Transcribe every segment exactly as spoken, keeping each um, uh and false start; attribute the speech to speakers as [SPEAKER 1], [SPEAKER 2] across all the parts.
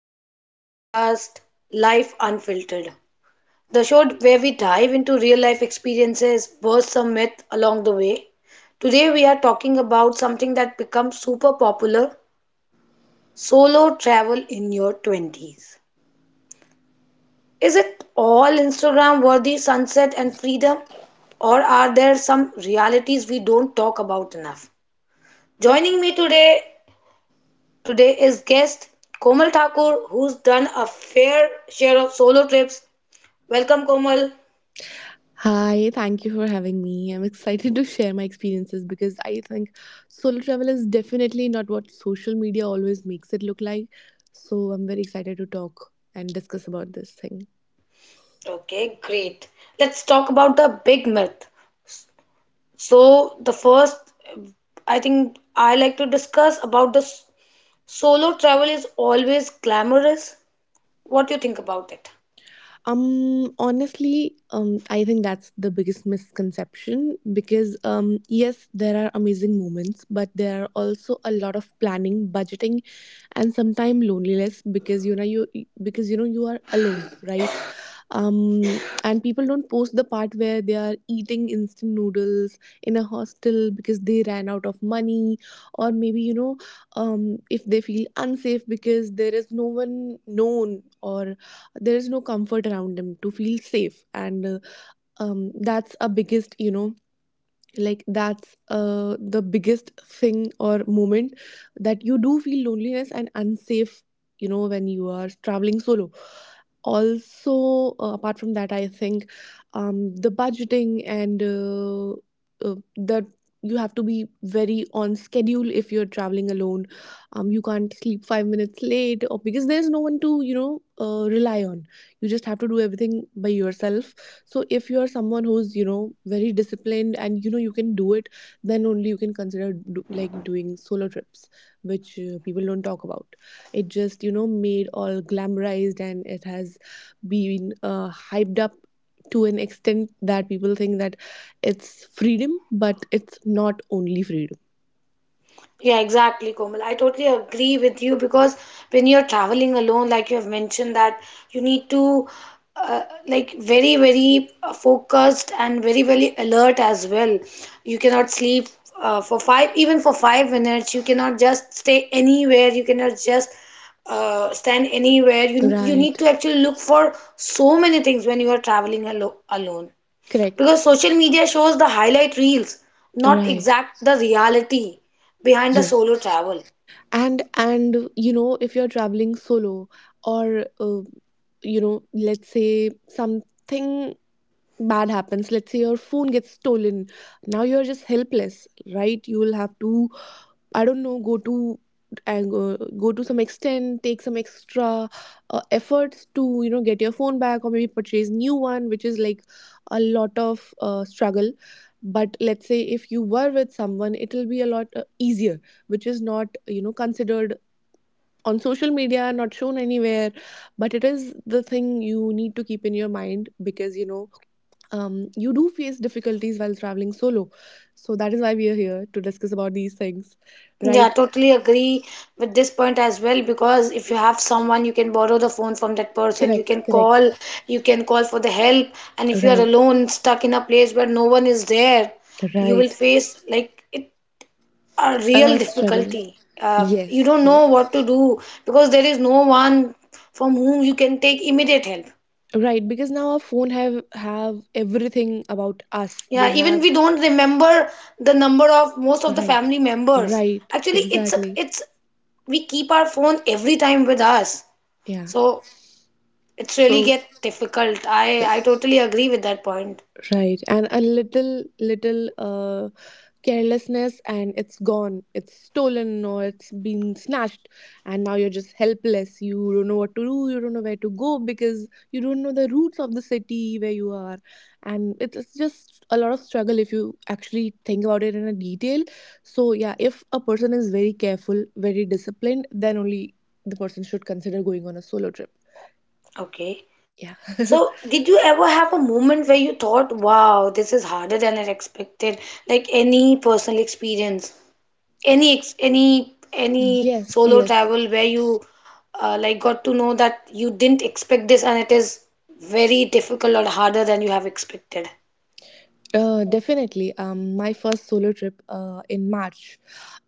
[SPEAKER 1] to our podcast, Life Unfiltered, the show where we dive into real life experiences, burst some myth along the way. Today, we are talking about something that becomes super popular solo travel in your twenties. Is it all Instagram worthy sunset and freedom, or are there some realities we don't talk about enough? Joining me today Today is guest Komal Thakur, who's done a fair share of solo trips. Welcome, Komal.
[SPEAKER 2] Hi, thank you for having me. I'm excited to share my experiences because I think solo travel is definitely not what social media always makes it look like. So I'm very excited to talk and discuss about this thing.
[SPEAKER 1] Okay, great. Let's talk about the big myth. So, the first I think I like to discuss about the s- solo travel is always glamorous. What do you think about it?
[SPEAKER 2] Um, honestly, um, I think that's the biggest misconception because, um, yes, there are amazing moments, but there are also a lot of planning, budgeting, and sometimes loneliness because you know you because you know you are alone, right? Um, and people don't post the part where they are eating instant noodles in a hostel because they ran out of money, or maybe you know, um, if they feel unsafe because there is no one known or there is no comfort around them to feel safe and uh, um, that's a biggest you know like that's uh, the biggest thing or moment that you do feel loneliness and unsafe, you know, when you are traveling solo. Also, uh, apart from that I think, um, the budgeting, and, uh, uh, that you have to be very on schedule if you're traveling alone. Um, you can't sleep five minutes late, or because there's no one to, you know, uh, rely on. You just have to do everything by yourself. So if you're someone who's, you know, very disciplined and you know you can do it, then only you can consider do, like doing solo trips, which uh, people don't talk about. It just, you know, made all glamorized, and it has been uh, hyped up to an extent that people think that it's freedom, but it's not only freedom.
[SPEAKER 1] Yeah, exactly, Komal. I totally agree with you because when you're traveling alone, like you have mentioned, that you need to uh, like very, very uh, focused and very, very alert as well. You cannot sleep uh, for five, even for five minutes. You cannot just stay anywhere. You cannot just uh, stand anywhere. You you need
[SPEAKER 2] Right.
[SPEAKER 1] to actually look for so many things when you are traveling alo alone because
[SPEAKER 2] Correct.
[SPEAKER 1] social media shows the highlight reels, not
[SPEAKER 2] Right.
[SPEAKER 1] exact the reality behind the
[SPEAKER 2] Yes.
[SPEAKER 1] solo travel.
[SPEAKER 2] and and you know, if you're traveling solo, or uh, you know, let's say something bad happens, let's say your phone gets stolen, now you're just helpless, right? You will have to, I don't know, go to and uh, go to some extent, take some extra uh, efforts to, you know, get your phone back, or maybe purchase new one, which is like a lot of uh, struggle. But let's say if you were with someone, it will be a lot uh, easier, which is not, you know, considered on social media, not shown anywhere, but it is the thing you need to keep in your mind because, you know, um, you do face difficulties while traveling solo. So that is why we are here to discuss about these things,
[SPEAKER 1] Yeah,
[SPEAKER 2] right?
[SPEAKER 1] totally agree with this point as well because if you have someone, you can borrow the phone from that person, you can
[SPEAKER 2] Correct, correct.
[SPEAKER 1] call, you can call for the help, and if you are
[SPEAKER 2] Right,
[SPEAKER 1] alone, stuck in a place where no one is there, you will
[SPEAKER 2] right.
[SPEAKER 1] face like it, a
[SPEAKER 2] A lot
[SPEAKER 1] real
[SPEAKER 2] of struggle.
[SPEAKER 1] difficulty. Uh, you
[SPEAKER 2] Yes,
[SPEAKER 1] don't know
[SPEAKER 2] yes.
[SPEAKER 1] what to do because there is no one from whom you can take immediate help.
[SPEAKER 2] Right, because now our phone have have everything about us, they
[SPEAKER 1] Yeah, even
[SPEAKER 2] have.
[SPEAKER 1] we don't remember the number of most of the
[SPEAKER 2] Right,
[SPEAKER 1] family members.
[SPEAKER 2] right,
[SPEAKER 1] Actually, it's a,
[SPEAKER 2] exactly.
[SPEAKER 1] it's we keep our phone every time with us.
[SPEAKER 2] Yeah.
[SPEAKER 1] So it's really
[SPEAKER 2] So.
[SPEAKER 1] get difficult. I I totally agree with that point.
[SPEAKER 2] Right. And a little, little uh, carelessness, and it's gone. It's stolen or it's been snatched. And now you're just helpless. You don't know what to do. You don't know where to go because you don't know the roots of the city where you are. And it's it's just a lot of struggle if you actually think about it in a detail. So, yeah, if a person is very careful, very disciplined, then only the person should consider going on a solo trip.
[SPEAKER 1] Okay.
[SPEAKER 2] Yeah.
[SPEAKER 1] So did you ever have a moment where you thought, wow, this is harder than I expected? Like any personal experience? Any ex- any any
[SPEAKER 2] Yes,
[SPEAKER 1] solo
[SPEAKER 2] yes.
[SPEAKER 1] travel where you uh, like got to know that you didn't expect this and it is very difficult or harder than you have expected.
[SPEAKER 2] Uh, definitely. Um, my first solo trip uh, in March,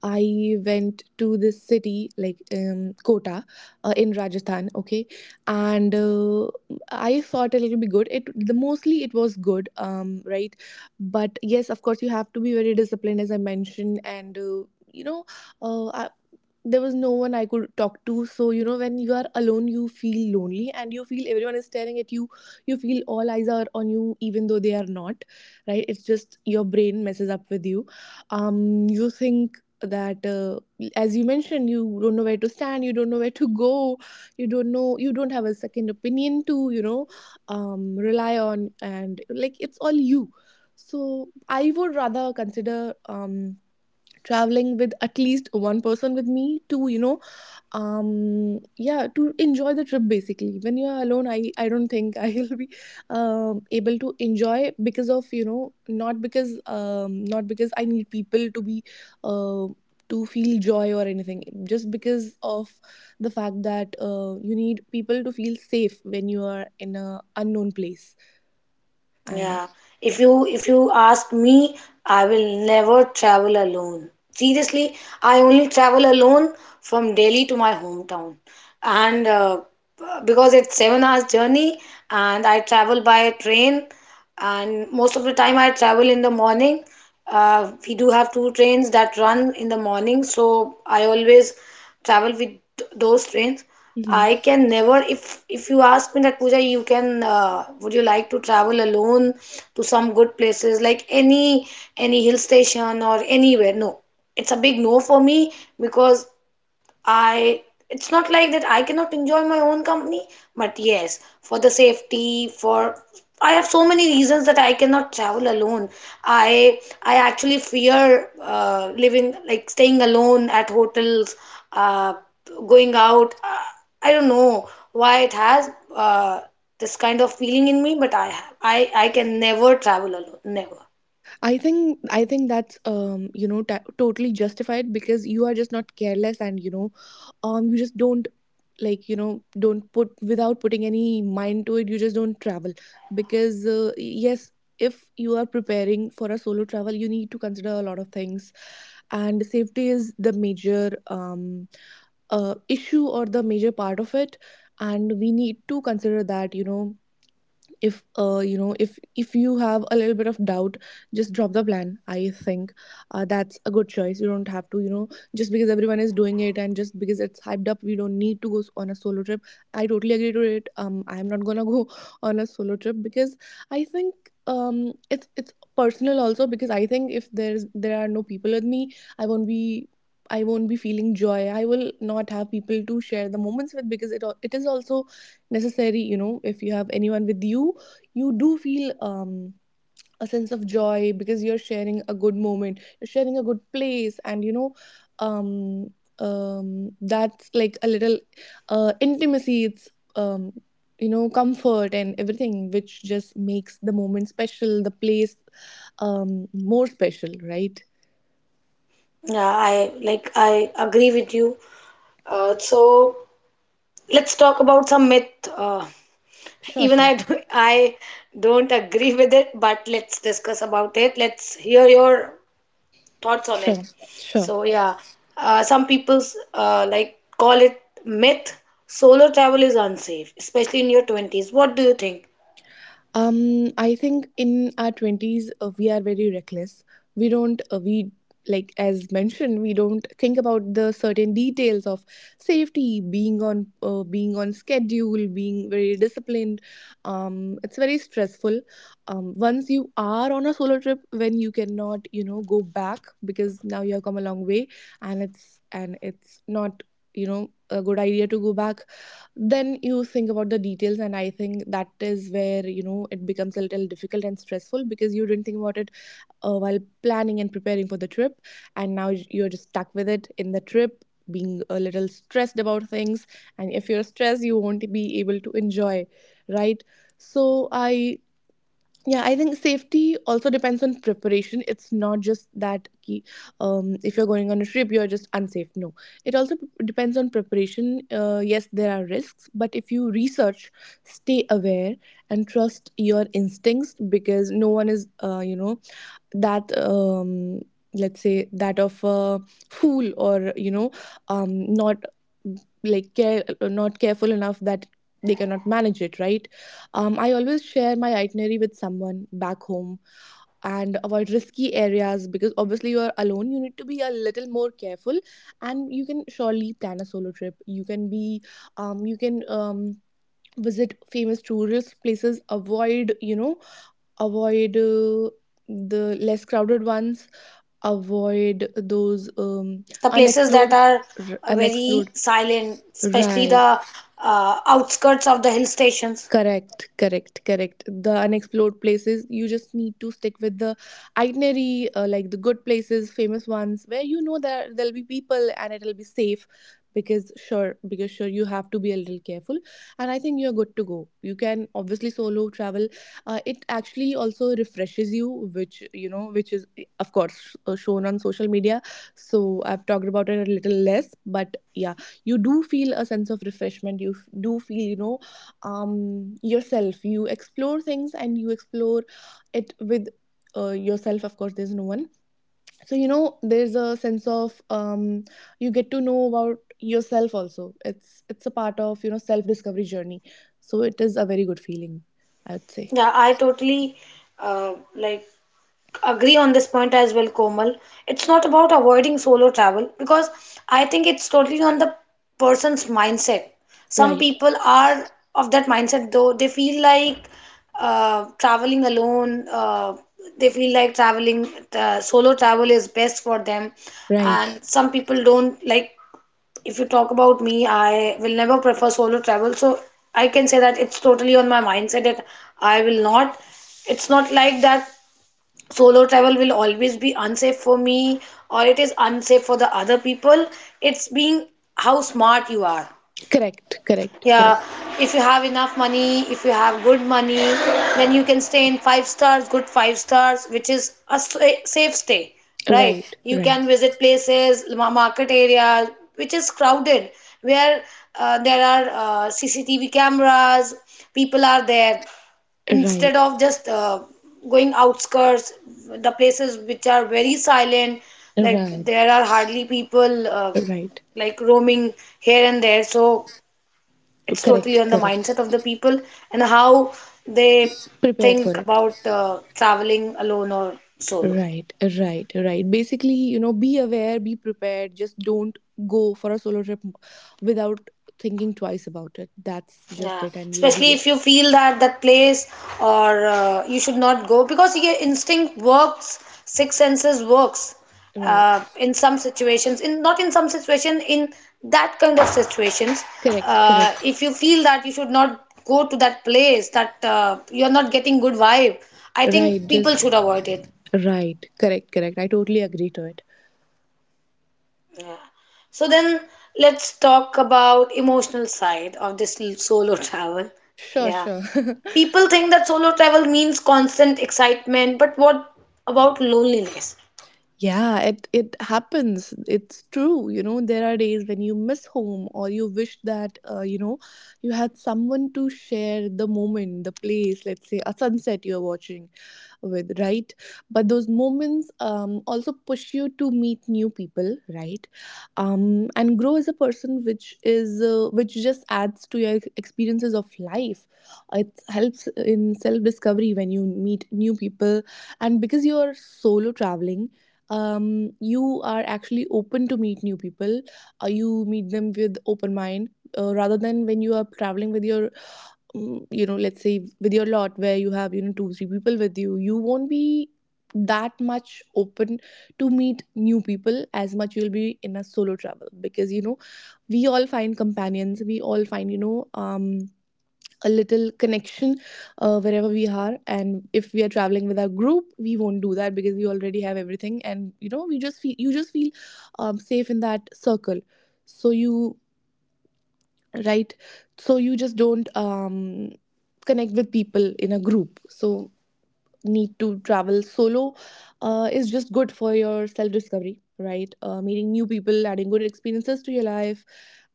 [SPEAKER 2] I went to this city like, um, Kota, uh, in Rajasthan. Okay, and uh, I thought it'll be good. It the Mostly it was good. Um, right, but yes, of course you have to be very disciplined, as I mentioned, and uh, you know, uh, I, there was no one I could talk to. So, you know, when you are alone, you feel lonely and you feel everyone is staring at you. You feel all eyes are on you, even though they are not, right? It's just your brain messes up with you. Um, you think that uh, as you mentioned, you don't know where to stand, you don't know where to go, you don't know you don't have a second opinion to, you know, um, rely on, and like it's all you. So I would rather consider, um, traveling with at least one person with me to, you know, um yeah, to enjoy the trip. Basically, when you are alone, i i don't think I'll be um able to enjoy because of, you know, not because, um not because I need people to be, uh, to feel joy or anything, just because of the fact that, uh, you need people to feel safe when you are in a unknown place. And
[SPEAKER 1] Yeah. If
[SPEAKER 2] yeah.
[SPEAKER 1] you if you ask me, I will never travel alone. Seriously, I only travel alone from Delhi to my hometown. And uh, Because it's seven hours journey and I travel by train and most of the time I travel in the morning. Uh, we do have two trains that run in the morning, so I always travel with th- those trains.
[SPEAKER 2] Mhm.
[SPEAKER 1] I can never, if if you ask me that, Pooja, you can, uh, would you like to travel alone to some good places like any any hill station or anywhere? No, it's a big no for me because I it's not like that I cannot enjoy my own company, but yes, for the safety, for I have so many reasons that I cannot travel alone. I I actually fear uh, living like staying alone at hotels, uh, going out. Uh, I don't know why it has uh, this kind of feeling in me, but I have I I can never travel alone, never.
[SPEAKER 2] I think I think that's, um you know, t- totally justified because you are just not careless, and you know, um you just don't, like, you know, don't put, without putting any mind to it, you just don't travel because, uh, yes, if you are preparing for a solo travel, you need to consider a lot of things, and safety is the major um uh, issue or the major part of it. And we need to consider that, you know, if, uh, you know, if if you have a little bit of doubt, just drop the plan, I think. Uh, that's a good choice. You don't have to, you know, just because everyone is doing it and just because it's hyped up, we don't need to go s- on a solo trip. I totally agree to it. um I'm not gonna go on a solo trip because I think, um it's it's personal also because I think if there's there are no people with me, i won't be I won't be feeling joy. I will not have people to share the moments with because it al- it is also necessary, you know, if you have anyone with you, you do feel, um, a sense of joy, because you're sharing a good moment, you're sharing a good place, and you know, um, um, that's like a little, uh, intimacy, it's, um, you know, comfort and everything, which just makes the moment special, the place, um, more special, right?
[SPEAKER 1] Yeah, I like I agree with you. Uh, so let's talk about some myth. Uh,
[SPEAKER 2] Sure,
[SPEAKER 1] Even
[SPEAKER 2] sure.
[SPEAKER 1] I do, I don't agree with it, but let's discuss about it. Let's hear your thoughts on it.
[SPEAKER 2] Sure, sure.
[SPEAKER 1] So yeah, uh, some people's uh, like call it myth. Solo travel is unsafe, especially in your twenties. What do you think?
[SPEAKER 2] Um, I think in our twenties, uh, we are very reckless. We don't, uh, we, like, as mentioned, we don't think about the certain details of safety, being on, uh, being on schedule, being very disciplined. Um, it's very stressful. Um, once you are on a solo trip, when you cannot, you know, go back because now you have come a long way, and it's, and it's not, you know, a good idea to go back, then you think about the details, and I think that is where, you know, it becomes a little difficult and stressful because you didn't think about it, uh, while planning and preparing for the trip, and now you're just stuck with it in the trip, being a little stressed about things, and if you're stressed, you won't be able to enjoy, right? So i yeah, I think safety also depends on preparation. It's not just that ki, um, if you're going on a trip, you're just unsafe. No, it also p- depends on preparation. Uh, yes, there are risks, but if you research, stay aware, and trust your instincts, because no one is, uh, you know, that, um, let's say, that of a fool, or you know, um, not like care not careful enough that they cannot manage it, right? um, I always share my itinerary with someone back home and avoid risky areas because obviously you are alone, you need to be a little more careful, and you can surely plan a solo trip. You can be um, you can, um, visit famous tourist places, avoid you know avoid uh, the less crowded ones, avoid those, um,
[SPEAKER 1] The places that
[SPEAKER 2] unexplored,
[SPEAKER 1] are
[SPEAKER 2] r-
[SPEAKER 1] uh,
[SPEAKER 2] unexplored,
[SPEAKER 1] very silent, especially
[SPEAKER 2] right?
[SPEAKER 1] the uh, outskirts of the hill stations.
[SPEAKER 2] Correct, correct, correct. The unexplored places, you just need to stick with the itinerary, uh, like the good places, famous ones, where you know that there'll be people and it'll be safe. Because sure, because sure, you have to be a little careful, and I think you're good to go. You can obviously solo travel. Uh, it actually also refreshes you, which you know, which is of course, uh, shown on social media. So I've talked about it a little less, but yeah, you do feel a sense of refreshment. You f- do feel, you know, um yourself, you explore things, and you explore it with, uh, yourself, of course, there's no one, so you know, there's a sense of, um you get to know about yourself also. It's it's a part of, you know, self discovery journey, so it is a very good feeling, I would say.
[SPEAKER 1] Yeah, I totally uh, like agree on this point as well, Komal. It's not about avoiding solo travel because I think it's totally on the person's mindset. Some
[SPEAKER 2] Right,
[SPEAKER 1] people are of that mindset though they feel like uh, traveling alone. Uh, they feel like traveling uh, solo travel is best for them,
[SPEAKER 2] right.
[SPEAKER 1] and some people don't like. If you talk about me, I will never prefer solo travel. So I can say that it's totally on my mindset that I will not it's not like that solo travel will always be unsafe for me or it is unsafe for the other people, it's being how smart you are.
[SPEAKER 2] Correct, correct,
[SPEAKER 1] Yeah,
[SPEAKER 2] correct.
[SPEAKER 1] if you have enough money, if you have good money, then you can stay in five stars, good five stars, which is a sa- safe stay, right?
[SPEAKER 2] Right,
[SPEAKER 1] You
[SPEAKER 2] right,
[SPEAKER 1] can visit places, ma- market areas which is crowded where uh, there are uh, CCTV cameras, people are there, instead
[SPEAKER 2] right,
[SPEAKER 1] of just uh, going outskirts, the places which are very silent, like
[SPEAKER 2] right,
[SPEAKER 1] there are hardly people uh,
[SPEAKER 2] right.
[SPEAKER 1] like roaming here and there. So it's totally
[SPEAKER 2] Correct,
[SPEAKER 1] on the
[SPEAKER 2] correct.
[SPEAKER 1] mindset of the people and how they
[SPEAKER 2] Prepare for
[SPEAKER 1] think
[SPEAKER 2] it.
[SPEAKER 1] about uh, traveling alone or solo.
[SPEAKER 2] Right, right, right. Basically, you know, be aware, be prepared. Just don't go for a solo trip without thinking twice about it. That's just
[SPEAKER 1] Yeah,
[SPEAKER 2] it, and you'll be
[SPEAKER 1] especially
[SPEAKER 2] good.
[SPEAKER 1] if you feel that that place or uh, you should not go because your instinct works, six senses works
[SPEAKER 2] Right,
[SPEAKER 1] uh, in some situations. In not in some situation, in that kind of situations,
[SPEAKER 2] correct,
[SPEAKER 1] uh,
[SPEAKER 2] correct.
[SPEAKER 1] if you feel that you should not go to that place, that uh, you are not getting good vibe, I
[SPEAKER 2] Right,
[SPEAKER 1] think people
[SPEAKER 2] just
[SPEAKER 1] should avoid it.
[SPEAKER 2] right, correct, correct. I totally agree to it.
[SPEAKER 1] Yeah. So then let's talk about emotional side of this l- solo travel.
[SPEAKER 2] Sure,
[SPEAKER 1] Yeah.
[SPEAKER 2] sure.
[SPEAKER 1] People think that solo travel means constant excitement, but what about loneliness?
[SPEAKER 2] Yeah, it it happens. It's true. You know, there are days when you miss home or you wish that uh, you know you had someone to share the moment, the place. Let's say a sunset you're watching with, right? But those moments um, also push you to meet new people, right? Um, and grow as a person, which is uh, which just adds to your experiences of life. It helps in self discovery when you meet new people, and because you are solo traveling, um, you are actually open to meet new people. Uh, you meet them with open mind, uh, rather than when you are traveling with your, um, you know, let's say with your lot, where you have, you know, two three people with you. You won't be that much open to meet new people as much you'll be in a solo travel, because you know, we all find companions, we all find, you know um a little connection uh, wherever we are. And if we are traveling with our group, we won't do that, because we already have everything. And you know, we just feel you just feel um, safe in that circle. So you, right, so you just don't um, connect with people in a group, so need to travel solo uh, is just good for your self discovery, right? Uh, meeting new people, adding good experiences to your life,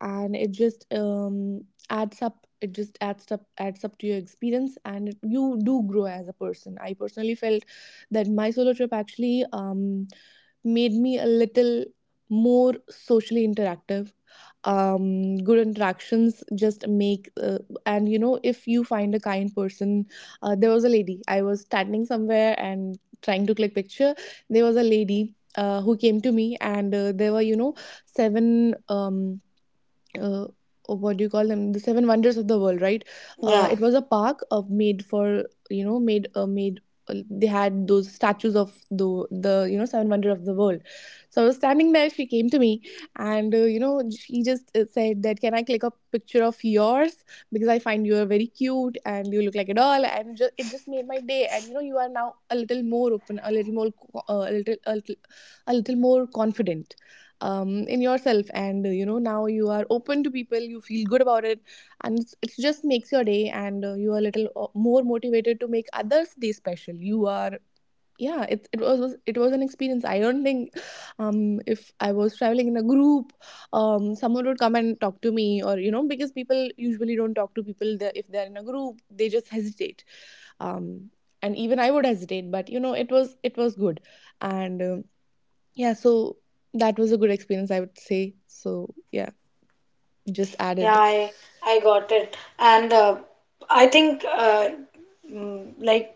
[SPEAKER 2] and it just um, adds up. It just adds up, adds up to your experience, and you do grow as a person. I personally felt that my solo trip actually um, made me a little more socially interactive. Um good interactions just make, uh, and you know, if you find a kind person. Uh, there was a lady, I was standing somewhere and trying to click picture. There was a lady uh, who came to me, and uh, there were, you know, seven, um, uh, what do you call them, the seven wonders of the world, right? Uh,
[SPEAKER 1] Yeah.
[SPEAKER 2] it was a park of made for, you know, made uh, made uh, they had those statues of the the you know, seven wonder of the world. So I was standing there, she came to me, and uh, you know, she just uh, said that, can I click a picture of yours, because I find you are very cute and you look like a doll. And just, it just made my day. And you know, you are now a little more open, a little more co- uh, a little a little, a little more confident um, in yourself. And uh, you know, now you are open to people, you feel good about it. And it's, it just makes your day. And uh, you are a little uh, more motivated to make others day special. You are, yeah, it, it was was- it was an experience. I don't think um if I was traveling in a group, um someone would come and talk to me. Or you know, because people usually don't talk to people that, if they're in a group, they just hesitate. um and even I would hesitate, but you know, it was, it was good. And um, yeah, so that was a good experience, I would say. So yeah, just
[SPEAKER 1] Yeah,
[SPEAKER 2] added.
[SPEAKER 1] I I got it, and uh, I think uh, mm, like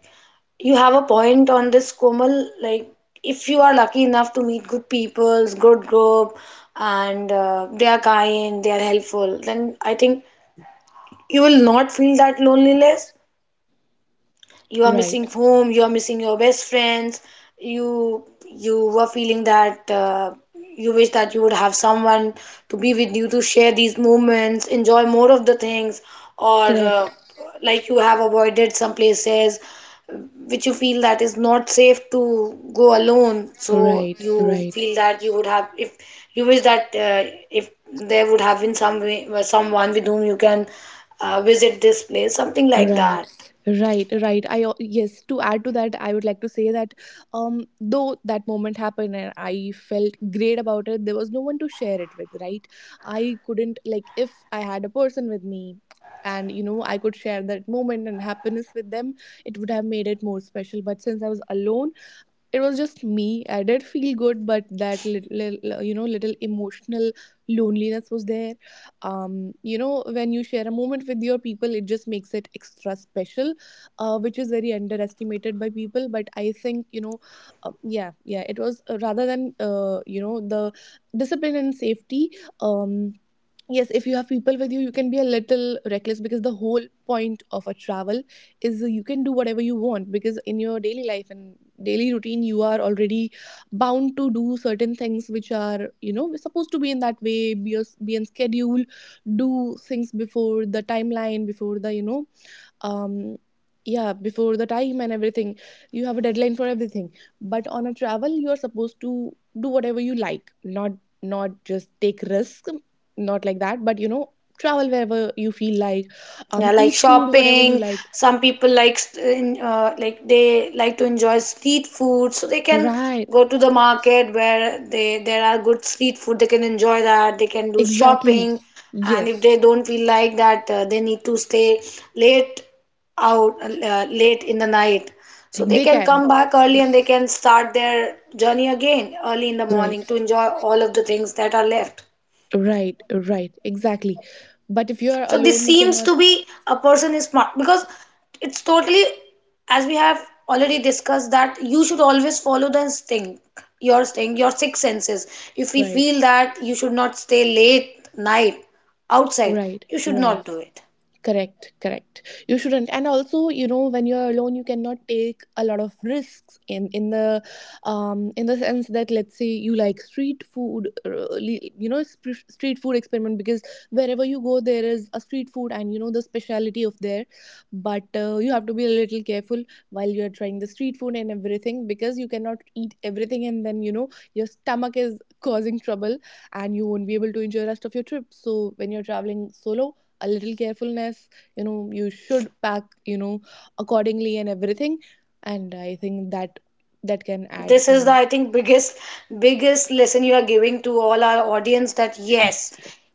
[SPEAKER 1] you have a point on this, Komal. Like if you are lucky enough to meet good people, good group, and uh, they are kind, they are helpful, then I think you will not feel that loneliness. You are
[SPEAKER 2] Right.
[SPEAKER 1] missing home, you are missing your best friends, you you were feeling that uh, you wish that you would have someone to be with you to share these moments, enjoy more of the things, or
[SPEAKER 2] Correct.
[SPEAKER 1] uh, like you have avoided some places which you feel that is not safe to go alone, so
[SPEAKER 2] Right.
[SPEAKER 1] you
[SPEAKER 2] Right.
[SPEAKER 1] feel that you would have if you wish that uh, if there would have been some way, someone with whom you can uh, visit this place, something like
[SPEAKER 2] Right.
[SPEAKER 1] that.
[SPEAKER 2] Right. Right. I al- yes, to add to that, I would like to say that, um though that moment happened and I felt great about it, there was no one to share it with, right? I couldn't, like, if I had a person with me, and you know, I could share that moment and happiness with them, it would have made it more special. But since I was alone, it was just me. I did feel good, but that little, you know, little emotional loneliness was there. um you know, when you share a moment with your people, it just makes it extra special, uh, which is very underestimated by people. But I think, you know, uh, yeah yeah it was, uh, rather than uh, you know, the discipline and safety. um yes, if you have people with you, you can be a little reckless, because the whole point of a travel is you can do whatever you want. Because in your daily life and daily routine, you are already bound to do certain things which are, you know, we're supposed to be in that way, be, a, be on schedule, do things before the timeline, before the, you know um yeah, before the time and everything. You have a deadline for everything, but on a travel you are supposed to do whatever you like. Not, not just take risk, not like that, but you know, travel wherever you feel like.
[SPEAKER 1] Yeah,
[SPEAKER 2] Um
[SPEAKER 1] like
[SPEAKER 2] eat food whatever
[SPEAKER 1] shopping.
[SPEAKER 2] you like.
[SPEAKER 1] Some people like st- in, uh, like they like to enjoy street food, so they can
[SPEAKER 2] Right.
[SPEAKER 1] go to the market where they there are good street food, they can enjoy that, they can do
[SPEAKER 2] Exactly.
[SPEAKER 1] shopping. And if they
[SPEAKER 2] Yes.
[SPEAKER 1] don't feel like that uh, they need to stay late out uh, late in the night, so
[SPEAKER 2] Like,
[SPEAKER 1] they
[SPEAKER 2] they
[SPEAKER 1] can
[SPEAKER 2] can.
[SPEAKER 1] come back early and they can start their journey again early in the
[SPEAKER 2] Right.
[SPEAKER 1] morning to enjoy all of the things that are left.
[SPEAKER 2] Right. Right. Exactly. But if you are
[SPEAKER 1] So this
[SPEAKER 2] alone, you
[SPEAKER 1] seems
[SPEAKER 2] cannot.
[SPEAKER 1] to be a person is smart because it's totally, as we have already discussed, that you should always follow the instinct, your thing, your six senses. If we
[SPEAKER 2] Right.
[SPEAKER 1] feel that you should not stay late night outside,
[SPEAKER 2] Right.
[SPEAKER 1] you should
[SPEAKER 2] Right.
[SPEAKER 1] not do it.
[SPEAKER 2] Correct, correct. You shouldn't. And also, you know, when you're alone, you cannot take a lot of risks in, in the um in the sense that, let's say you like street food, uh, you know, sp- street food experiment. Because wherever you go, there is a street food, and you know the speciality of there. But uh, you have to be a little careful while you're trying the street food and everything, because you cannot eat everything and then, you know, your stomach is causing trouble, and you won't be able to enjoy the rest of your trip. So when you're traveling solo, a little carefulness, you know, you should pack, you know, accordingly and everything. And I think that that can add.
[SPEAKER 1] This is the
[SPEAKER 2] And
[SPEAKER 1] I think biggest biggest lesson you are giving to all our audience, that yes,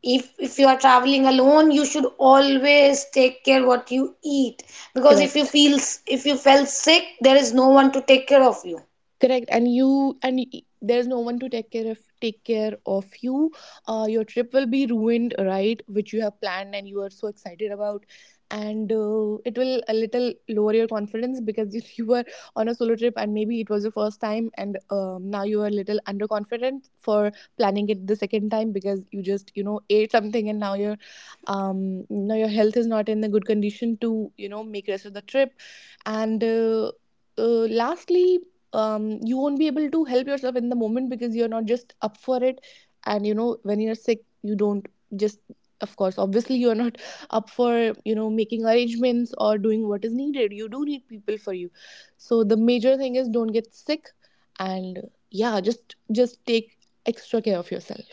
[SPEAKER 1] if if you are traveling alone, you should always take care what you eat, because if you
[SPEAKER 2] correct,
[SPEAKER 1] feel if you felt sick, there is no one to take care of you.
[SPEAKER 2] correct. And you, and y- there's no one to take care of take care of you. Uh, your trip will be ruined, right, which you have planned and you are so excited about. And uh, it will a little lower your confidence, because if you were on a solo trip, and maybe it was your first time, and um, now you are a little underconfident for planning it the second time, because you just, you know, ate something, and now your, um now your health is not in the good condition to, you know, make rest of the trip. And uh, uh, lastly, um, you won't be able to help yourself in the moment, because you're not just up for it. And you know, when you're sick, you don't just, of course, obviously, you're not up for, you know, making arrangements or doing what is needed. You do need people for you. So the major thing is don't get sick, and yeah, just just take extra care of yourself.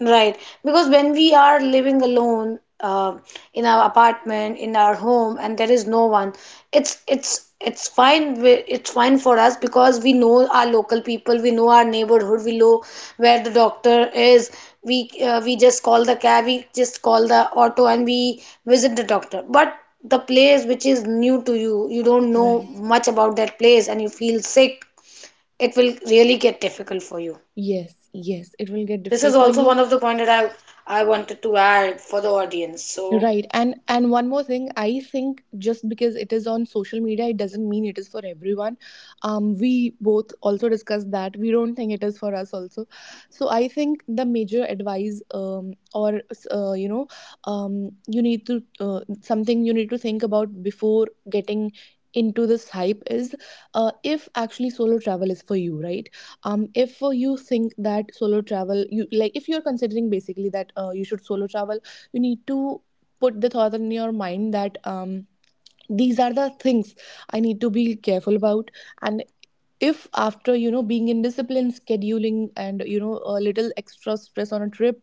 [SPEAKER 1] Right, because when we are living alone uh, in our apartment, in our home, and there is no one, it's it's it's fine. wi- It's fine for us because we know our local people, we know our neighborhood, we know where the doctor is. We uh, we just call the cab, we just call the auto, and we visit the doctor. But the place which is new to you, you don't know
[SPEAKER 2] Right.
[SPEAKER 1] much about that place, and you feel sick. It will really get difficult for you.
[SPEAKER 2] Yes, yes, it will get
[SPEAKER 1] This is
[SPEAKER 2] difficult for
[SPEAKER 1] also
[SPEAKER 2] you.
[SPEAKER 1] one of the point that I I wanted to add for the audience. So
[SPEAKER 2] Right. And and one more thing, I think just because it is on social media, it doesn't mean it is for everyone. Um, we both also discussed that we don't think it is for us also. So I think the major advice, um, or uh, you know, um, you need to, uh, something you need to think about before getting into this hype is, uh, if actually solo travel is for you, right? Um if for you think that solo travel, you like, if you're considering basically that uh, you should solo travel, you need to put the thought in your mind that, um, these are the things I need to be careful about. And if, after, you know, being indisciplined scheduling, and you know, a little extra stress on a trip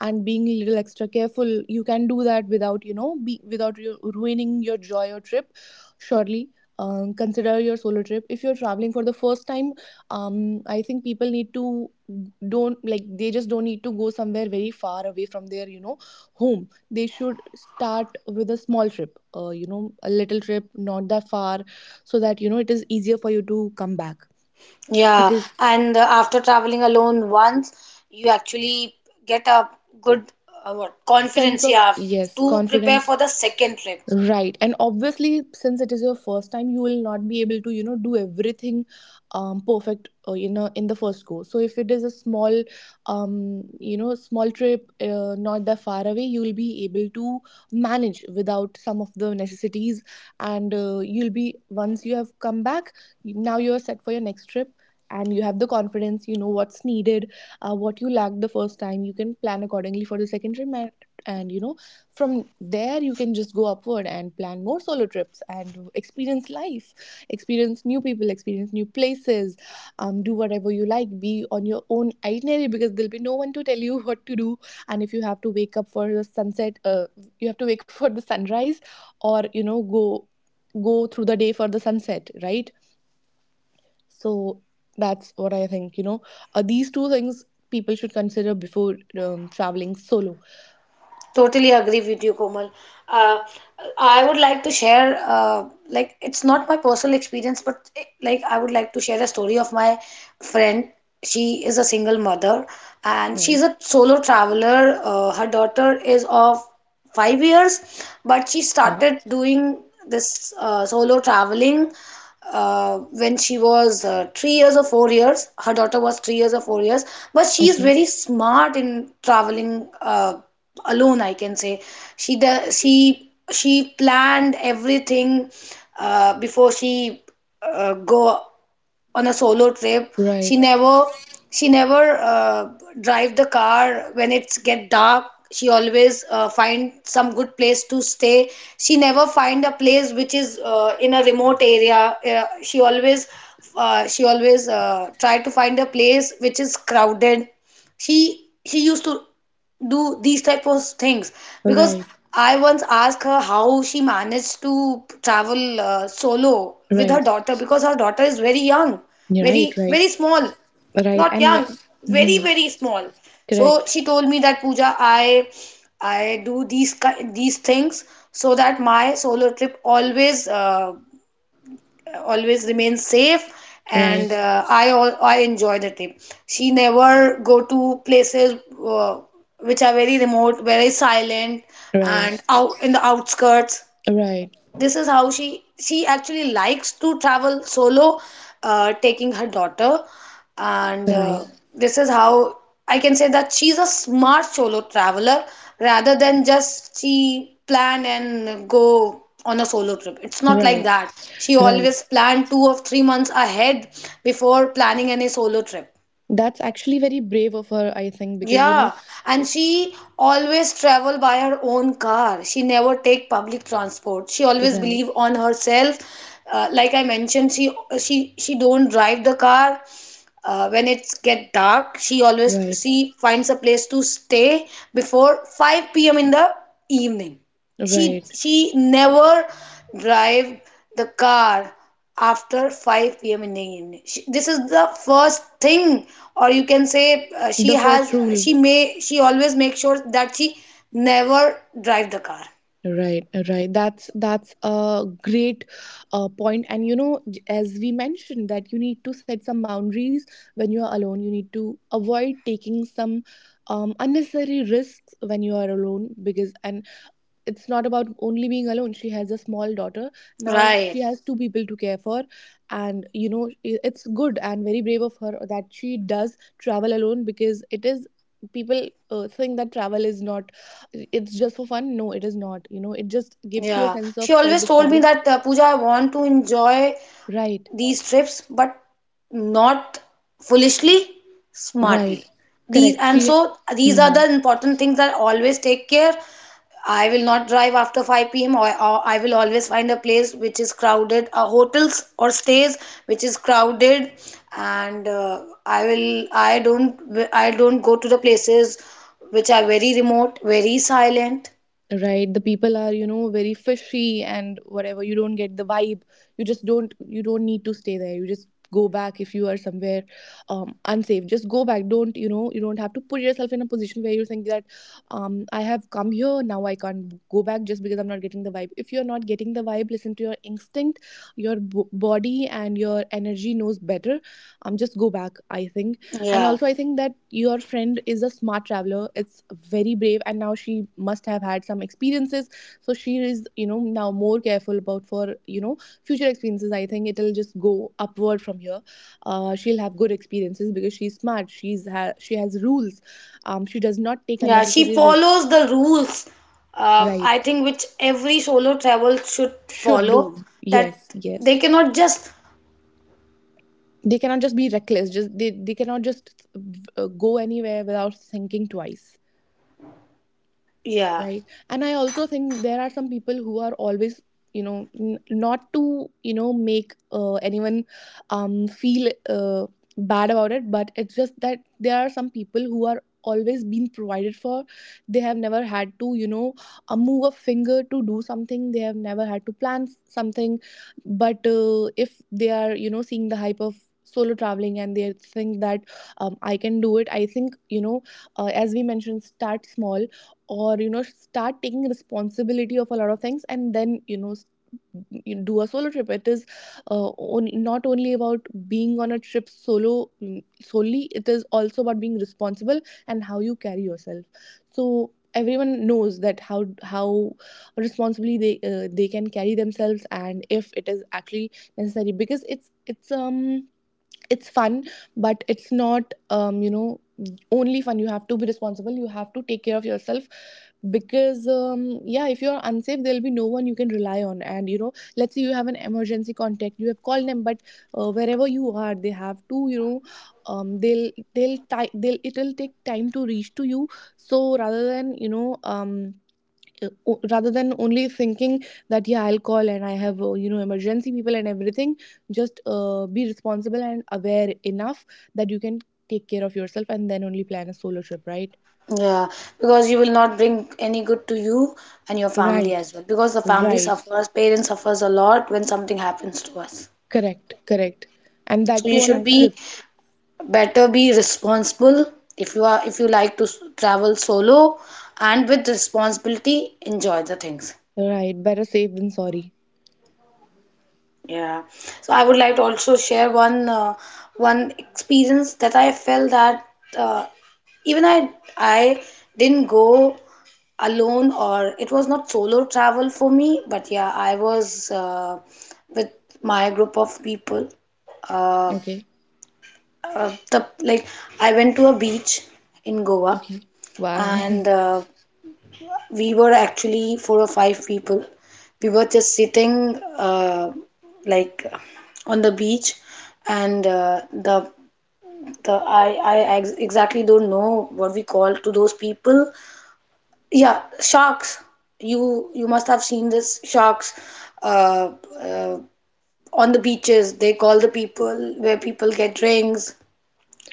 [SPEAKER 2] and being a little extra careful, you can do that without, you know, be without you ruining your joy or trip, surely, um, consider your solo trip. If you're traveling for the first time, um, I think people need to, don't like, they just don't need to go somewhere very far away from their, you know, home. They should start with a small trip, uh, you know, a little trip, not that far, so that you know it is easier for you to come back. It
[SPEAKER 1] yeah,
[SPEAKER 2] is
[SPEAKER 1] and uh, after traveling alone once, you actually get a good uh, what
[SPEAKER 2] sense
[SPEAKER 1] confidence,
[SPEAKER 2] of
[SPEAKER 1] yeah,
[SPEAKER 2] yes
[SPEAKER 1] to prepare for
[SPEAKER 2] confidence.
[SPEAKER 1] the second trip.
[SPEAKER 2] Right. And obviously, since it is your first time, you will not be able to, you know, do everything um, perfect, uh, you know, in the first go. So if it is a small, um, you know, small trip, uh, not that far away, you will be able to manage without some of the necessities. And uh, you'll be, once you have come back, now you're set for your next trip. And you have the confidence, you know what's needed, uh, what you lacked the first time. You can plan accordingly for the second trip, and, and you know from there you can just go upward and plan more solo trips and experience life, experience new people, experience new places. Um, do whatever you like, be on your own itinerary because there'll be no one to tell you what to do. And if you have to wake up for the sunset, uh, you have to wake for the sunrise or you know go go through the day for the sunset, right? So that's what I think, you know, uh, these two things people should consider before um, traveling solo.
[SPEAKER 1] Totally agree with you, Komal. Uh, I would like to share, uh, like, it's not my personal experience, but eh, like, I would like to share a story of my friend. She is a single mother and she's
[SPEAKER 2] Right.
[SPEAKER 1] a solo traveler. Uh, her daughter is of five years, but she
[SPEAKER 2] Wow.
[SPEAKER 1] started doing this uh, solo traveling uh, when she was uh, three years or four years. Her daughter was three years or four years, but she is
[SPEAKER 2] Okay.
[SPEAKER 1] very smart in traveling uh, alone. I can say she does. she she planned everything uh, before she uh, go on a solo trip. She
[SPEAKER 2] Right.
[SPEAKER 1] never she never uh, drive the car when it's get dark. She always uh, find some good place to stay. She never find a place which is uh, in a remote area. Uh, she always uh, she always uh, try to find a place which is crowded. She she used to do these type of things because
[SPEAKER 2] Right,
[SPEAKER 1] I once asked her how she managed to travel uh, solo with her
[SPEAKER 2] right.
[SPEAKER 1] daughter, because her daughter is very young,
[SPEAKER 2] Yeah, right,
[SPEAKER 1] very
[SPEAKER 2] right.
[SPEAKER 1] very small,
[SPEAKER 2] Right,
[SPEAKER 1] not
[SPEAKER 2] and when,
[SPEAKER 1] young, very
[SPEAKER 2] mm-hmm,
[SPEAKER 1] very small. So
[SPEAKER 2] correct,
[SPEAKER 1] she told me that Pooja, I I do these ki- these things so that my solo trip always uh, always remain safe
[SPEAKER 2] right,
[SPEAKER 1] and uh, I al- I enjoy the trip. She never go to places uh, which are very remote, very silent,
[SPEAKER 2] right,
[SPEAKER 1] and out in the outskirts.
[SPEAKER 2] right,
[SPEAKER 1] This is how she she actually likes to travel solo, uh, taking her daughter, and
[SPEAKER 2] right,
[SPEAKER 1] uh, this is how I can say that she's a smart solo traveler, rather than just she plan and go on a solo trip. It's not like
[SPEAKER 2] right,
[SPEAKER 1] that. She
[SPEAKER 2] right.
[SPEAKER 1] always plan two or three months ahead before planning any solo trip.
[SPEAKER 2] That's actually very brave of her, I think, because you know,
[SPEAKER 1] Yeah, and she always travel by her own car. She never take public transport. She always
[SPEAKER 2] right,
[SPEAKER 1] believe on herself. Uh, like I mentioned, she she she don't drive the car, uh, when it's get dark, she always
[SPEAKER 2] right,
[SPEAKER 1] she finds a place to stay before five p.m in the evening. she
[SPEAKER 2] right.
[SPEAKER 1] she never drive the car after five p.m in the evening. She, this is the first thing, or you can say, uh, she
[SPEAKER 2] The
[SPEAKER 1] has
[SPEAKER 2] first rule.
[SPEAKER 1] she may she always make sure that she never drive the car.
[SPEAKER 2] Right, right. That's that's a great uh, point. And you know, j- as we mentioned, that you need to set some boundaries when you are alone. You need to avoid taking some um, unnecessary risks when you are alone, because and it's not about only being alone, she has a small daughter. Now
[SPEAKER 1] Right.
[SPEAKER 2] she has two people to care for. And you know, i- it's good and very brave of her that she does travel alone, because it is, people uh, think that travel is not, it's just for fun. No, it is not, you know, it just
[SPEAKER 1] Yeah,
[SPEAKER 2] gives you a
[SPEAKER 1] she
[SPEAKER 2] sense
[SPEAKER 1] always
[SPEAKER 2] of
[SPEAKER 1] told
[SPEAKER 2] self
[SPEAKER 1] me that,
[SPEAKER 2] discovery.
[SPEAKER 1] uh, Pooja, I want to enjoy
[SPEAKER 2] Right,
[SPEAKER 1] these trips, but not foolishly, smartly.
[SPEAKER 2] right,
[SPEAKER 1] These
[SPEAKER 2] correct,
[SPEAKER 1] And so
[SPEAKER 2] she.
[SPEAKER 1] these are the
[SPEAKER 2] Mhm.
[SPEAKER 1] important things that always take care. I will not drive after five p.m, or, or I will always find a place which is crowded, uh, hotels or stays which is crowded. And uh, i will i don't i don't go to the places which are very remote, very silent.
[SPEAKER 2] Right, the people are you know very fishy and whatever, you don't get the vibe, you just don't, you don't need to stay there, you just go back. If you are somewhere um, unsafe, just go back. Don't, you know, you don't have to put yourself in a position where you think that um, I have come here now, I can't go back just because I'm not getting the vibe. If you're not getting the vibe, listen to your instinct, your b- body and your energy knows better. Um, just go back, I think. And
[SPEAKER 1] Yeah.
[SPEAKER 2] also, I think that your friend is a smart traveler. It's very brave, and now she must have had some experiences. So she is, you know, now more careful about for you know future experiences. I think it'll just go upward from here. Uh, she'll have good experiences because she's smart. She's ha- she has rules. Um, she does not take
[SPEAKER 1] Yeah, she
[SPEAKER 2] unnecessary risks.
[SPEAKER 1] follows the rules, uh,
[SPEAKER 2] Right?
[SPEAKER 1] I think, which every solo travel should
[SPEAKER 2] Should
[SPEAKER 1] follow.
[SPEAKER 2] do.
[SPEAKER 1] That
[SPEAKER 2] Yes.
[SPEAKER 1] they
[SPEAKER 2] Yes.
[SPEAKER 1] cannot just,
[SPEAKER 2] They cannot just be reckless. Just they, they cannot just uh, go anywhere without thinking twice.
[SPEAKER 1] yeah,
[SPEAKER 2] Right. And I also think there are some people who are always, you know, n- not to you know make uh, anyone um feel uh, bad about it, but it's just that there are some people who are always being provided for. They have never had to, you know, uh, move a finger to do something. They have never had to plan something. But uh, if they are, you know, seeing the hype of solo traveling and they think that um, I can do it, I think, you know, uh, as we mentioned, start small or you know start taking responsibility of a lot of things, and then you know you do a solo trip. It is uh, on, not only about being on a trip solo mm, solely. It is also about being responsible and how you carry yourself. So everyone knows that how how responsibly they uh, they can carry themselves and if it is actually necessary, because it's it's um it's fun, but it's not um, you know only fun. You have to be responsible, you have to take care of yourself, because um, yeah, if you're unsafe, there'll be no one you can rely on. And you know, let's say you have an emergency contact, you have called them, but uh, wherever you are, they have to you know um, they'll they'll ti- they'll it'll take time to reach to you. So rather than you know um, uh, rather than only thinking that yeah, I'll call and I have uh, you know emergency people and everything, just uh, be responsible and aware enough that you can take care of yourself, and then only plan a solo trip, right?
[SPEAKER 1] yeah, because you will not bring any good to you and your family
[SPEAKER 2] Right,
[SPEAKER 1] as well. Because the family
[SPEAKER 2] right,
[SPEAKER 1] suffers, parents suffers a lot when something happens to us.
[SPEAKER 2] correct, correct. And
[SPEAKER 1] So
[SPEAKER 2] that
[SPEAKER 1] you
[SPEAKER 2] too on a
[SPEAKER 1] should be,
[SPEAKER 2] trip.
[SPEAKER 1] better be responsible, if you are if you like to s- travel solo, and with responsibility enjoy the things.
[SPEAKER 2] Right, better safe than sorry.
[SPEAKER 1] Yeah. So I would like to also share one uh, one experience that I felt that, uh, even I I didn't go alone, or it was not solo travel for me, but yeah, I was uh, with my group of people. Uh,
[SPEAKER 2] Okay.
[SPEAKER 1] uh, the like I went to a beach in Goa,
[SPEAKER 2] Okay. Wow.
[SPEAKER 1] and uh, we were actually four or five people. We were just sitting, uh, like, on the beach, and uh, the the I I ex exactly don't know what we call to those people. Yeah, sharks. You you must have seen this sharks, uh, uh, on the beaches. They call the people where people get rings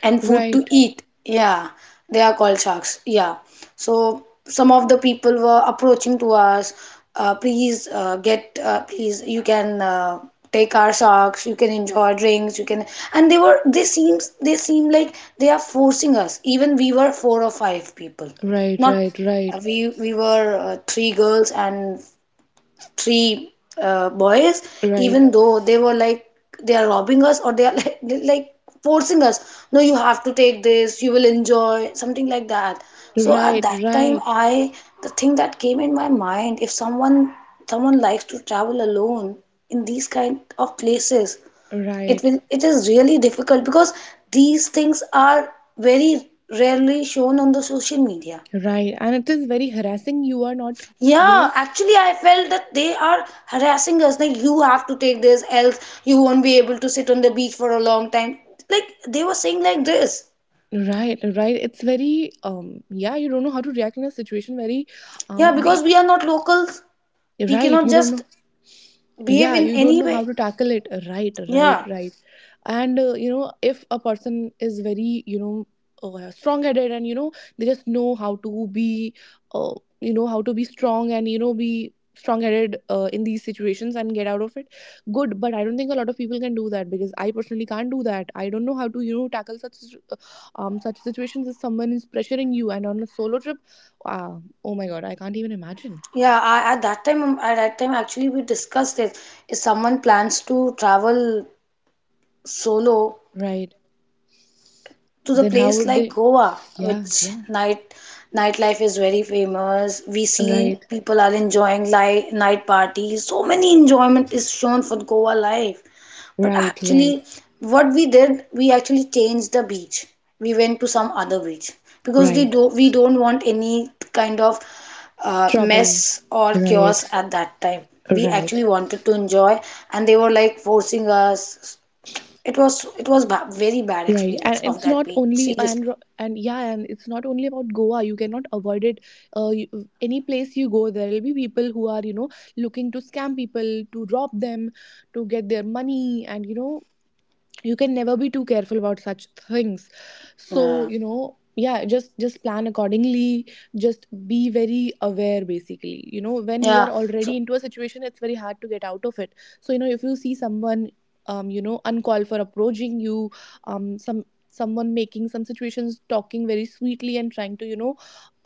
[SPEAKER 1] and food to
[SPEAKER 2] Right,
[SPEAKER 1] eat. Yeah, they are called sharks. Yeah. So some of the people were approaching to us. Uh, please, uh, get. Uh, please, you can, uh, take our sharks. You can enjoy drinks. You can. And they were. They seems. They seem like they are forcing us, even we were four or five people.
[SPEAKER 2] right,
[SPEAKER 1] Not,
[SPEAKER 2] right,
[SPEAKER 1] uh,
[SPEAKER 2] right,
[SPEAKER 1] we. We were uh, three girls and three uh, boys,
[SPEAKER 2] right,
[SPEAKER 1] even though they were like, they are robbing us, or they are like, they're like forcing us. No, you have to take this, you will enjoy, something like that. So at
[SPEAKER 2] right,
[SPEAKER 1] that time,
[SPEAKER 2] right,
[SPEAKER 1] I the thing that came in my mind, if someone someone likes to travel alone in these kind of places, it
[SPEAKER 2] right,
[SPEAKER 1] will it is really difficult because these things are very rarely shown on the social media.
[SPEAKER 2] right. And it is very harassing, you are not, you know.
[SPEAKER 1] Yeah, actually, I felt that they are harassing us. Like, you have to take this, else you won't be able to sit on the beach for a long time. Like, they were saying like this.
[SPEAKER 2] Right, right. It's very um yeah, you don't know how to react in a situation, very
[SPEAKER 1] Yeah,
[SPEAKER 2] um be,
[SPEAKER 1] because we are not locals, we
[SPEAKER 2] right,
[SPEAKER 1] cannot
[SPEAKER 2] you don't
[SPEAKER 1] just
[SPEAKER 2] know,
[SPEAKER 1] behave
[SPEAKER 2] yeah,
[SPEAKER 1] in
[SPEAKER 2] you don't
[SPEAKER 1] any
[SPEAKER 2] know how
[SPEAKER 1] way.
[SPEAKER 2] to tackle it, right, right,
[SPEAKER 1] Yeah,
[SPEAKER 2] right. And uh, you know, if a person is very you know uh, strong headed and you know they just know how to be uh, you know how to be strong and you know be strong headed uh, in these situations and get out of it, good. But I don't think a lot of people can do that, because I personally can't do that. I don't know how to you know tackle such uh, um such situations. If someone is pressuring you and on a solo trip, uh, oh my god, I can't even imagine.
[SPEAKER 1] yeah. I, at that time, um, at that time, actually, we discussed it. If someone plans to travel solo,
[SPEAKER 2] Right,
[SPEAKER 1] to the
[SPEAKER 2] then how
[SPEAKER 1] place
[SPEAKER 2] would
[SPEAKER 1] like
[SPEAKER 2] they,
[SPEAKER 1] Goa,
[SPEAKER 2] yeah,
[SPEAKER 1] which
[SPEAKER 2] yeah.
[SPEAKER 1] night nightlife is very famous. We see
[SPEAKER 2] Right,
[SPEAKER 1] people are enjoying li- night parties. So many enjoyment is shown for Goa life. But
[SPEAKER 2] right, right,
[SPEAKER 1] actually, what we did, we actually changed the beach. We went to some other beach because, they
[SPEAKER 2] right.
[SPEAKER 1] do, we don't want any kind of, uh,
[SPEAKER 2] Trouble.
[SPEAKER 1] mess or
[SPEAKER 2] Right,
[SPEAKER 1] chaos at that time. We
[SPEAKER 2] right,
[SPEAKER 1] actually wanted to enjoy, and they were like forcing us. It was it was ba very bad
[SPEAKER 2] right. And
[SPEAKER 1] experience of
[SPEAKER 2] it's
[SPEAKER 1] that
[SPEAKER 2] not
[SPEAKER 1] beach,
[SPEAKER 2] only and
[SPEAKER 1] seriously.
[SPEAKER 2] ro- and yeah, and it's not only about Goa. You cannot avoid it. Uh, you, any place you go, there will be people who are you know looking to scam people, to rob them, to get their money, and you know you can never be too careful about such things. So
[SPEAKER 1] Yeah.
[SPEAKER 2] you know yeah, just just plan accordingly. Just be very aware basically. You know, when you
[SPEAKER 1] Yeah.
[SPEAKER 2] are already
[SPEAKER 1] So
[SPEAKER 2] into a situation, it's very hard to get out of it. So you know, if you see someone um you know uncalled for approaching you, um some someone making some situations, talking very sweetly and trying to you know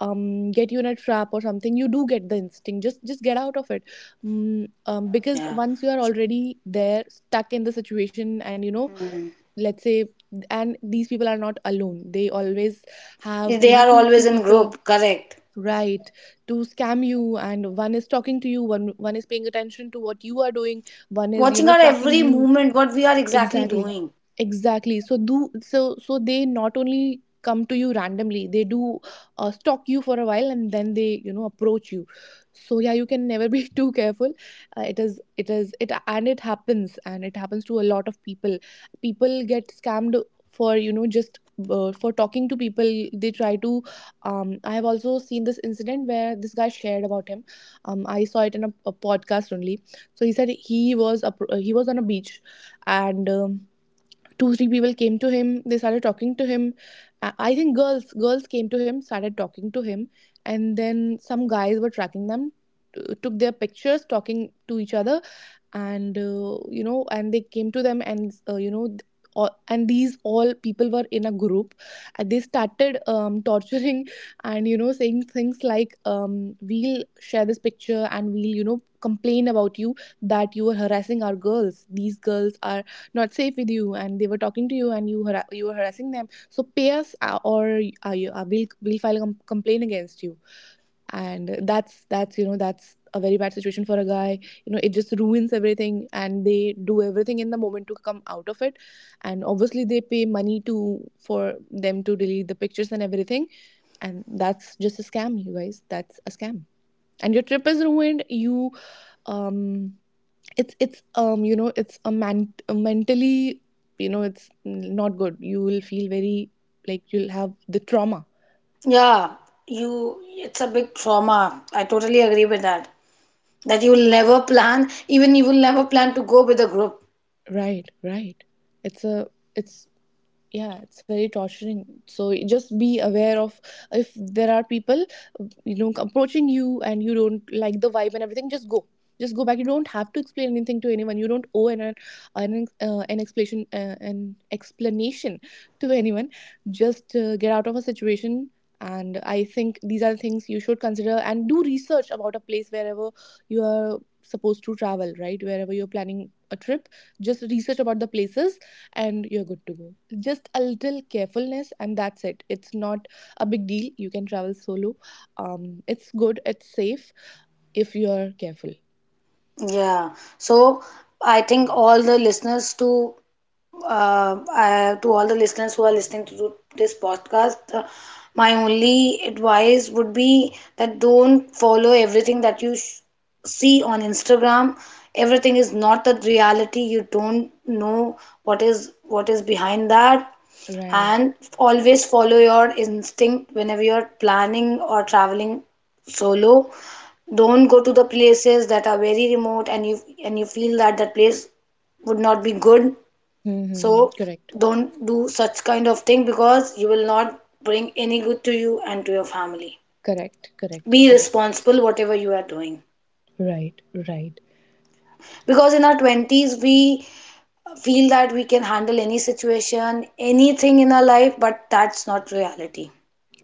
[SPEAKER 2] um get you in a trap or something, you do get the instinct, just just get out of it. Mm, um, because
[SPEAKER 1] yeah.
[SPEAKER 2] once you are already there stuck in the situation, and you know,
[SPEAKER 1] Mm.
[SPEAKER 2] let's say, and these people are not alone, they always have
[SPEAKER 1] They
[SPEAKER 2] you know
[SPEAKER 1] are
[SPEAKER 2] two
[SPEAKER 1] always
[SPEAKER 2] three
[SPEAKER 1] in
[SPEAKER 2] people.
[SPEAKER 1] group, correct.
[SPEAKER 2] Right, to scam you. And one is talking to you, one one is paying attention to what you are doing, one is you
[SPEAKER 1] Watching
[SPEAKER 2] know
[SPEAKER 1] our
[SPEAKER 2] tracking
[SPEAKER 1] every
[SPEAKER 2] you.
[SPEAKER 1] movement, what we are exactly
[SPEAKER 2] Exactly.
[SPEAKER 1] doing.
[SPEAKER 2] Exactly. So do so so they not only come to you randomly, they do uh, stalk you for a while and then they you know approach you. So yeah, you can never be too careful. Uh, it is it is it, and it happens, and it happens to a lot of people. People get scammed for you know just uh, for talking to people. They try to um, I have also seen this incident where this guy shared about him. um, I saw it in a, a podcast only. So he said he was a, he was on a beach. And um, two three people came to him, they started talking to him. i I think girls girls came to him, started talking to him. And then some guys were tracking them, t- took their pictures talking to each other. And uh, you know, and they came to them, and uh, you know th- all, and these all people were in a group, and they started um, torturing and you know saying things like um, we'll share this picture and we'll you know complain about you, that you were harassing our girls, these girls are not safe with you and they were talking to you and you har- you were harassing them, so pay us uh, or uh, you- uh, we'll, we'll file a com- complaint against you. And that's that's you know, that's a very bad situation for a guy. You know, it just ruins everything, and they do everything in the moment to come out of it. And obviously they pay money to, for them to delete the pictures and everything. And that's just a scam, you guys, that's a scam. And your trip is ruined, you um it's it's um you know, it's a man a mentally, you know, it's not good, you will feel very, like you'll have the trauma.
[SPEAKER 1] Yeah, you it's a big trauma. I totally agree with that. That you will never plan, even you will never plan to go with a group.
[SPEAKER 2] Right, right. it's a it's Yeah, it's very torturing. So just be aware of, if there are people you know approaching you and you don't like the vibe and everything, just go, just go back. You don't have to explain anything to anyone. You don't owe an an, uh, an explanation uh, an explanation to anyone. Just uh, get out of a situation. And I think these are the things you should consider, and do research about a place wherever you are supposed to travel, right? Wherever you're planning a trip, just research about the places and you're good to go. Just a little carefulness, and that's it. It's not a big deal. You can travel solo. Um, it's good, it's safe if you're careful.
[SPEAKER 1] Yeah. So I think all the listeners to uh, I, to all the listeners who are listening to this podcast, uh, my only advice would be that don't follow everything that you sh- see on Instagram. Everything is not the reality. You don't know what is what is behind that,
[SPEAKER 2] Right.
[SPEAKER 1] and always follow your instinct whenever you're planning or traveling solo. Don't go to the places that are very remote, and you and you feel that that place would not be good,
[SPEAKER 2] Mm-hmm.
[SPEAKER 1] so
[SPEAKER 2] Correct.
[SPEAKER 1] don't do such kind of thing because you will not bring any good to you and to your family.
[SPEAKER 2] Correct. Correct.
[SPEAKER 1] Be
[SPEAKER 2] Correct.
[SPEAKER 1] responsible whatever you are doing.
[SPEAKER 2] Right. Right.
[SPEAKER 1] Because in our twenties, we feel that we can handle any situation, anything in our life, but that's not reality.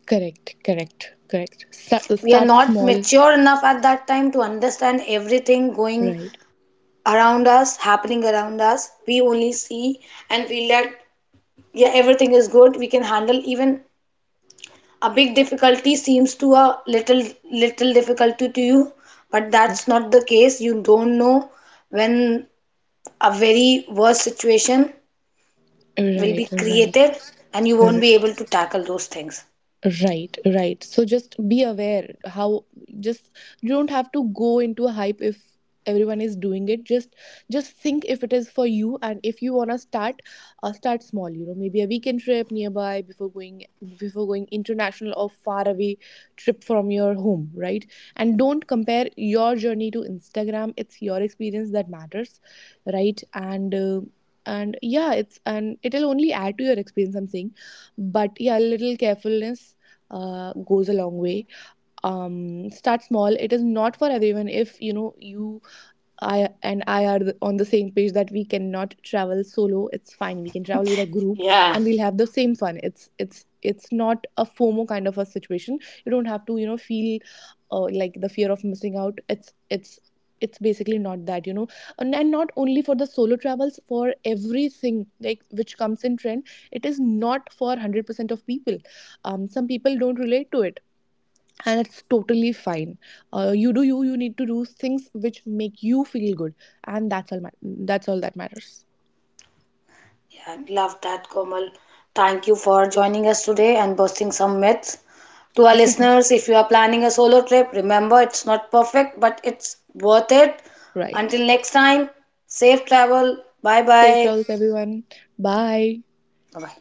[SPEAKER 2] Correct. Correct. Correct. Start,
[SPEAKER 1] We are
[SPEAKER 2] start
[SPEAKER 1] not
[SPEAKER 2] small.
[SPEAKER 1] mature enough at that time to understand everything going
[SPEAKER 2] Right.
[SPEAKER 1] around us, happening around us. We only see and feel that, yeah, everything is good. We can handle even a big difficulty, seems to a little little difficulty to you, but that's not the case. You don't know when a very worse situation will be
[SPEAKER 2] Right.
[SPEAKER 1] created,
[SPEAKER 2] Right.
[SPEAKER 1] and you won't be able to tackle those things.
[SPEAKER 2] Right, right. So just be aware how, just, you don't have to go into a hype if everyone is doing it. Just just think if it is for you, and if you wanna start, uh, start small. You know, maybe a weekend trip nearby before going, before going international or far away trip from your home, right? And don't compare your journey to Instagram. It's your experience that matters, right? And uh, and yeah, it's, and it'll only add to your experience, I'm saying. But yeah, a little carefulness uh, goes a long way. Um, start small. It is not for everyone. If you know, you I and I are the- on the same page that we cannot travel solo, it's fine. We can travel with a group,
[SPEAKER 1] Yeah.
[SPEAKER 2] and we'll have the same fun. It's it's it's not a FOMO kind of a situation. You don't have to you know feel uh, like the fear of missing out. It's it's it's basically not that, you know. And, and not only for the solo travels, for everything like which comes in trend, it is not for a hundred percent of people. Um some people don't relate to it, and it's totally fine. Uh, you do you, you need to do things which make you feel good, and that's all ma- that's all that matters.
[SPEAKER 1] Yeah, love that, Komal. Thank you for joining us today and busting some myths. To our listeners, if you are planning a solo trip, remember, it's not perfect but it's worth it.
[SPEAKER 2] Right,
[SPEAKER 1] Until next time, safe travel. Bye
[SPEAKER 2] safe
[SPEAKER 1] bye.
[SPEAKER 2] travels everyone, bye.
[SPEAKER 1] Bye bye.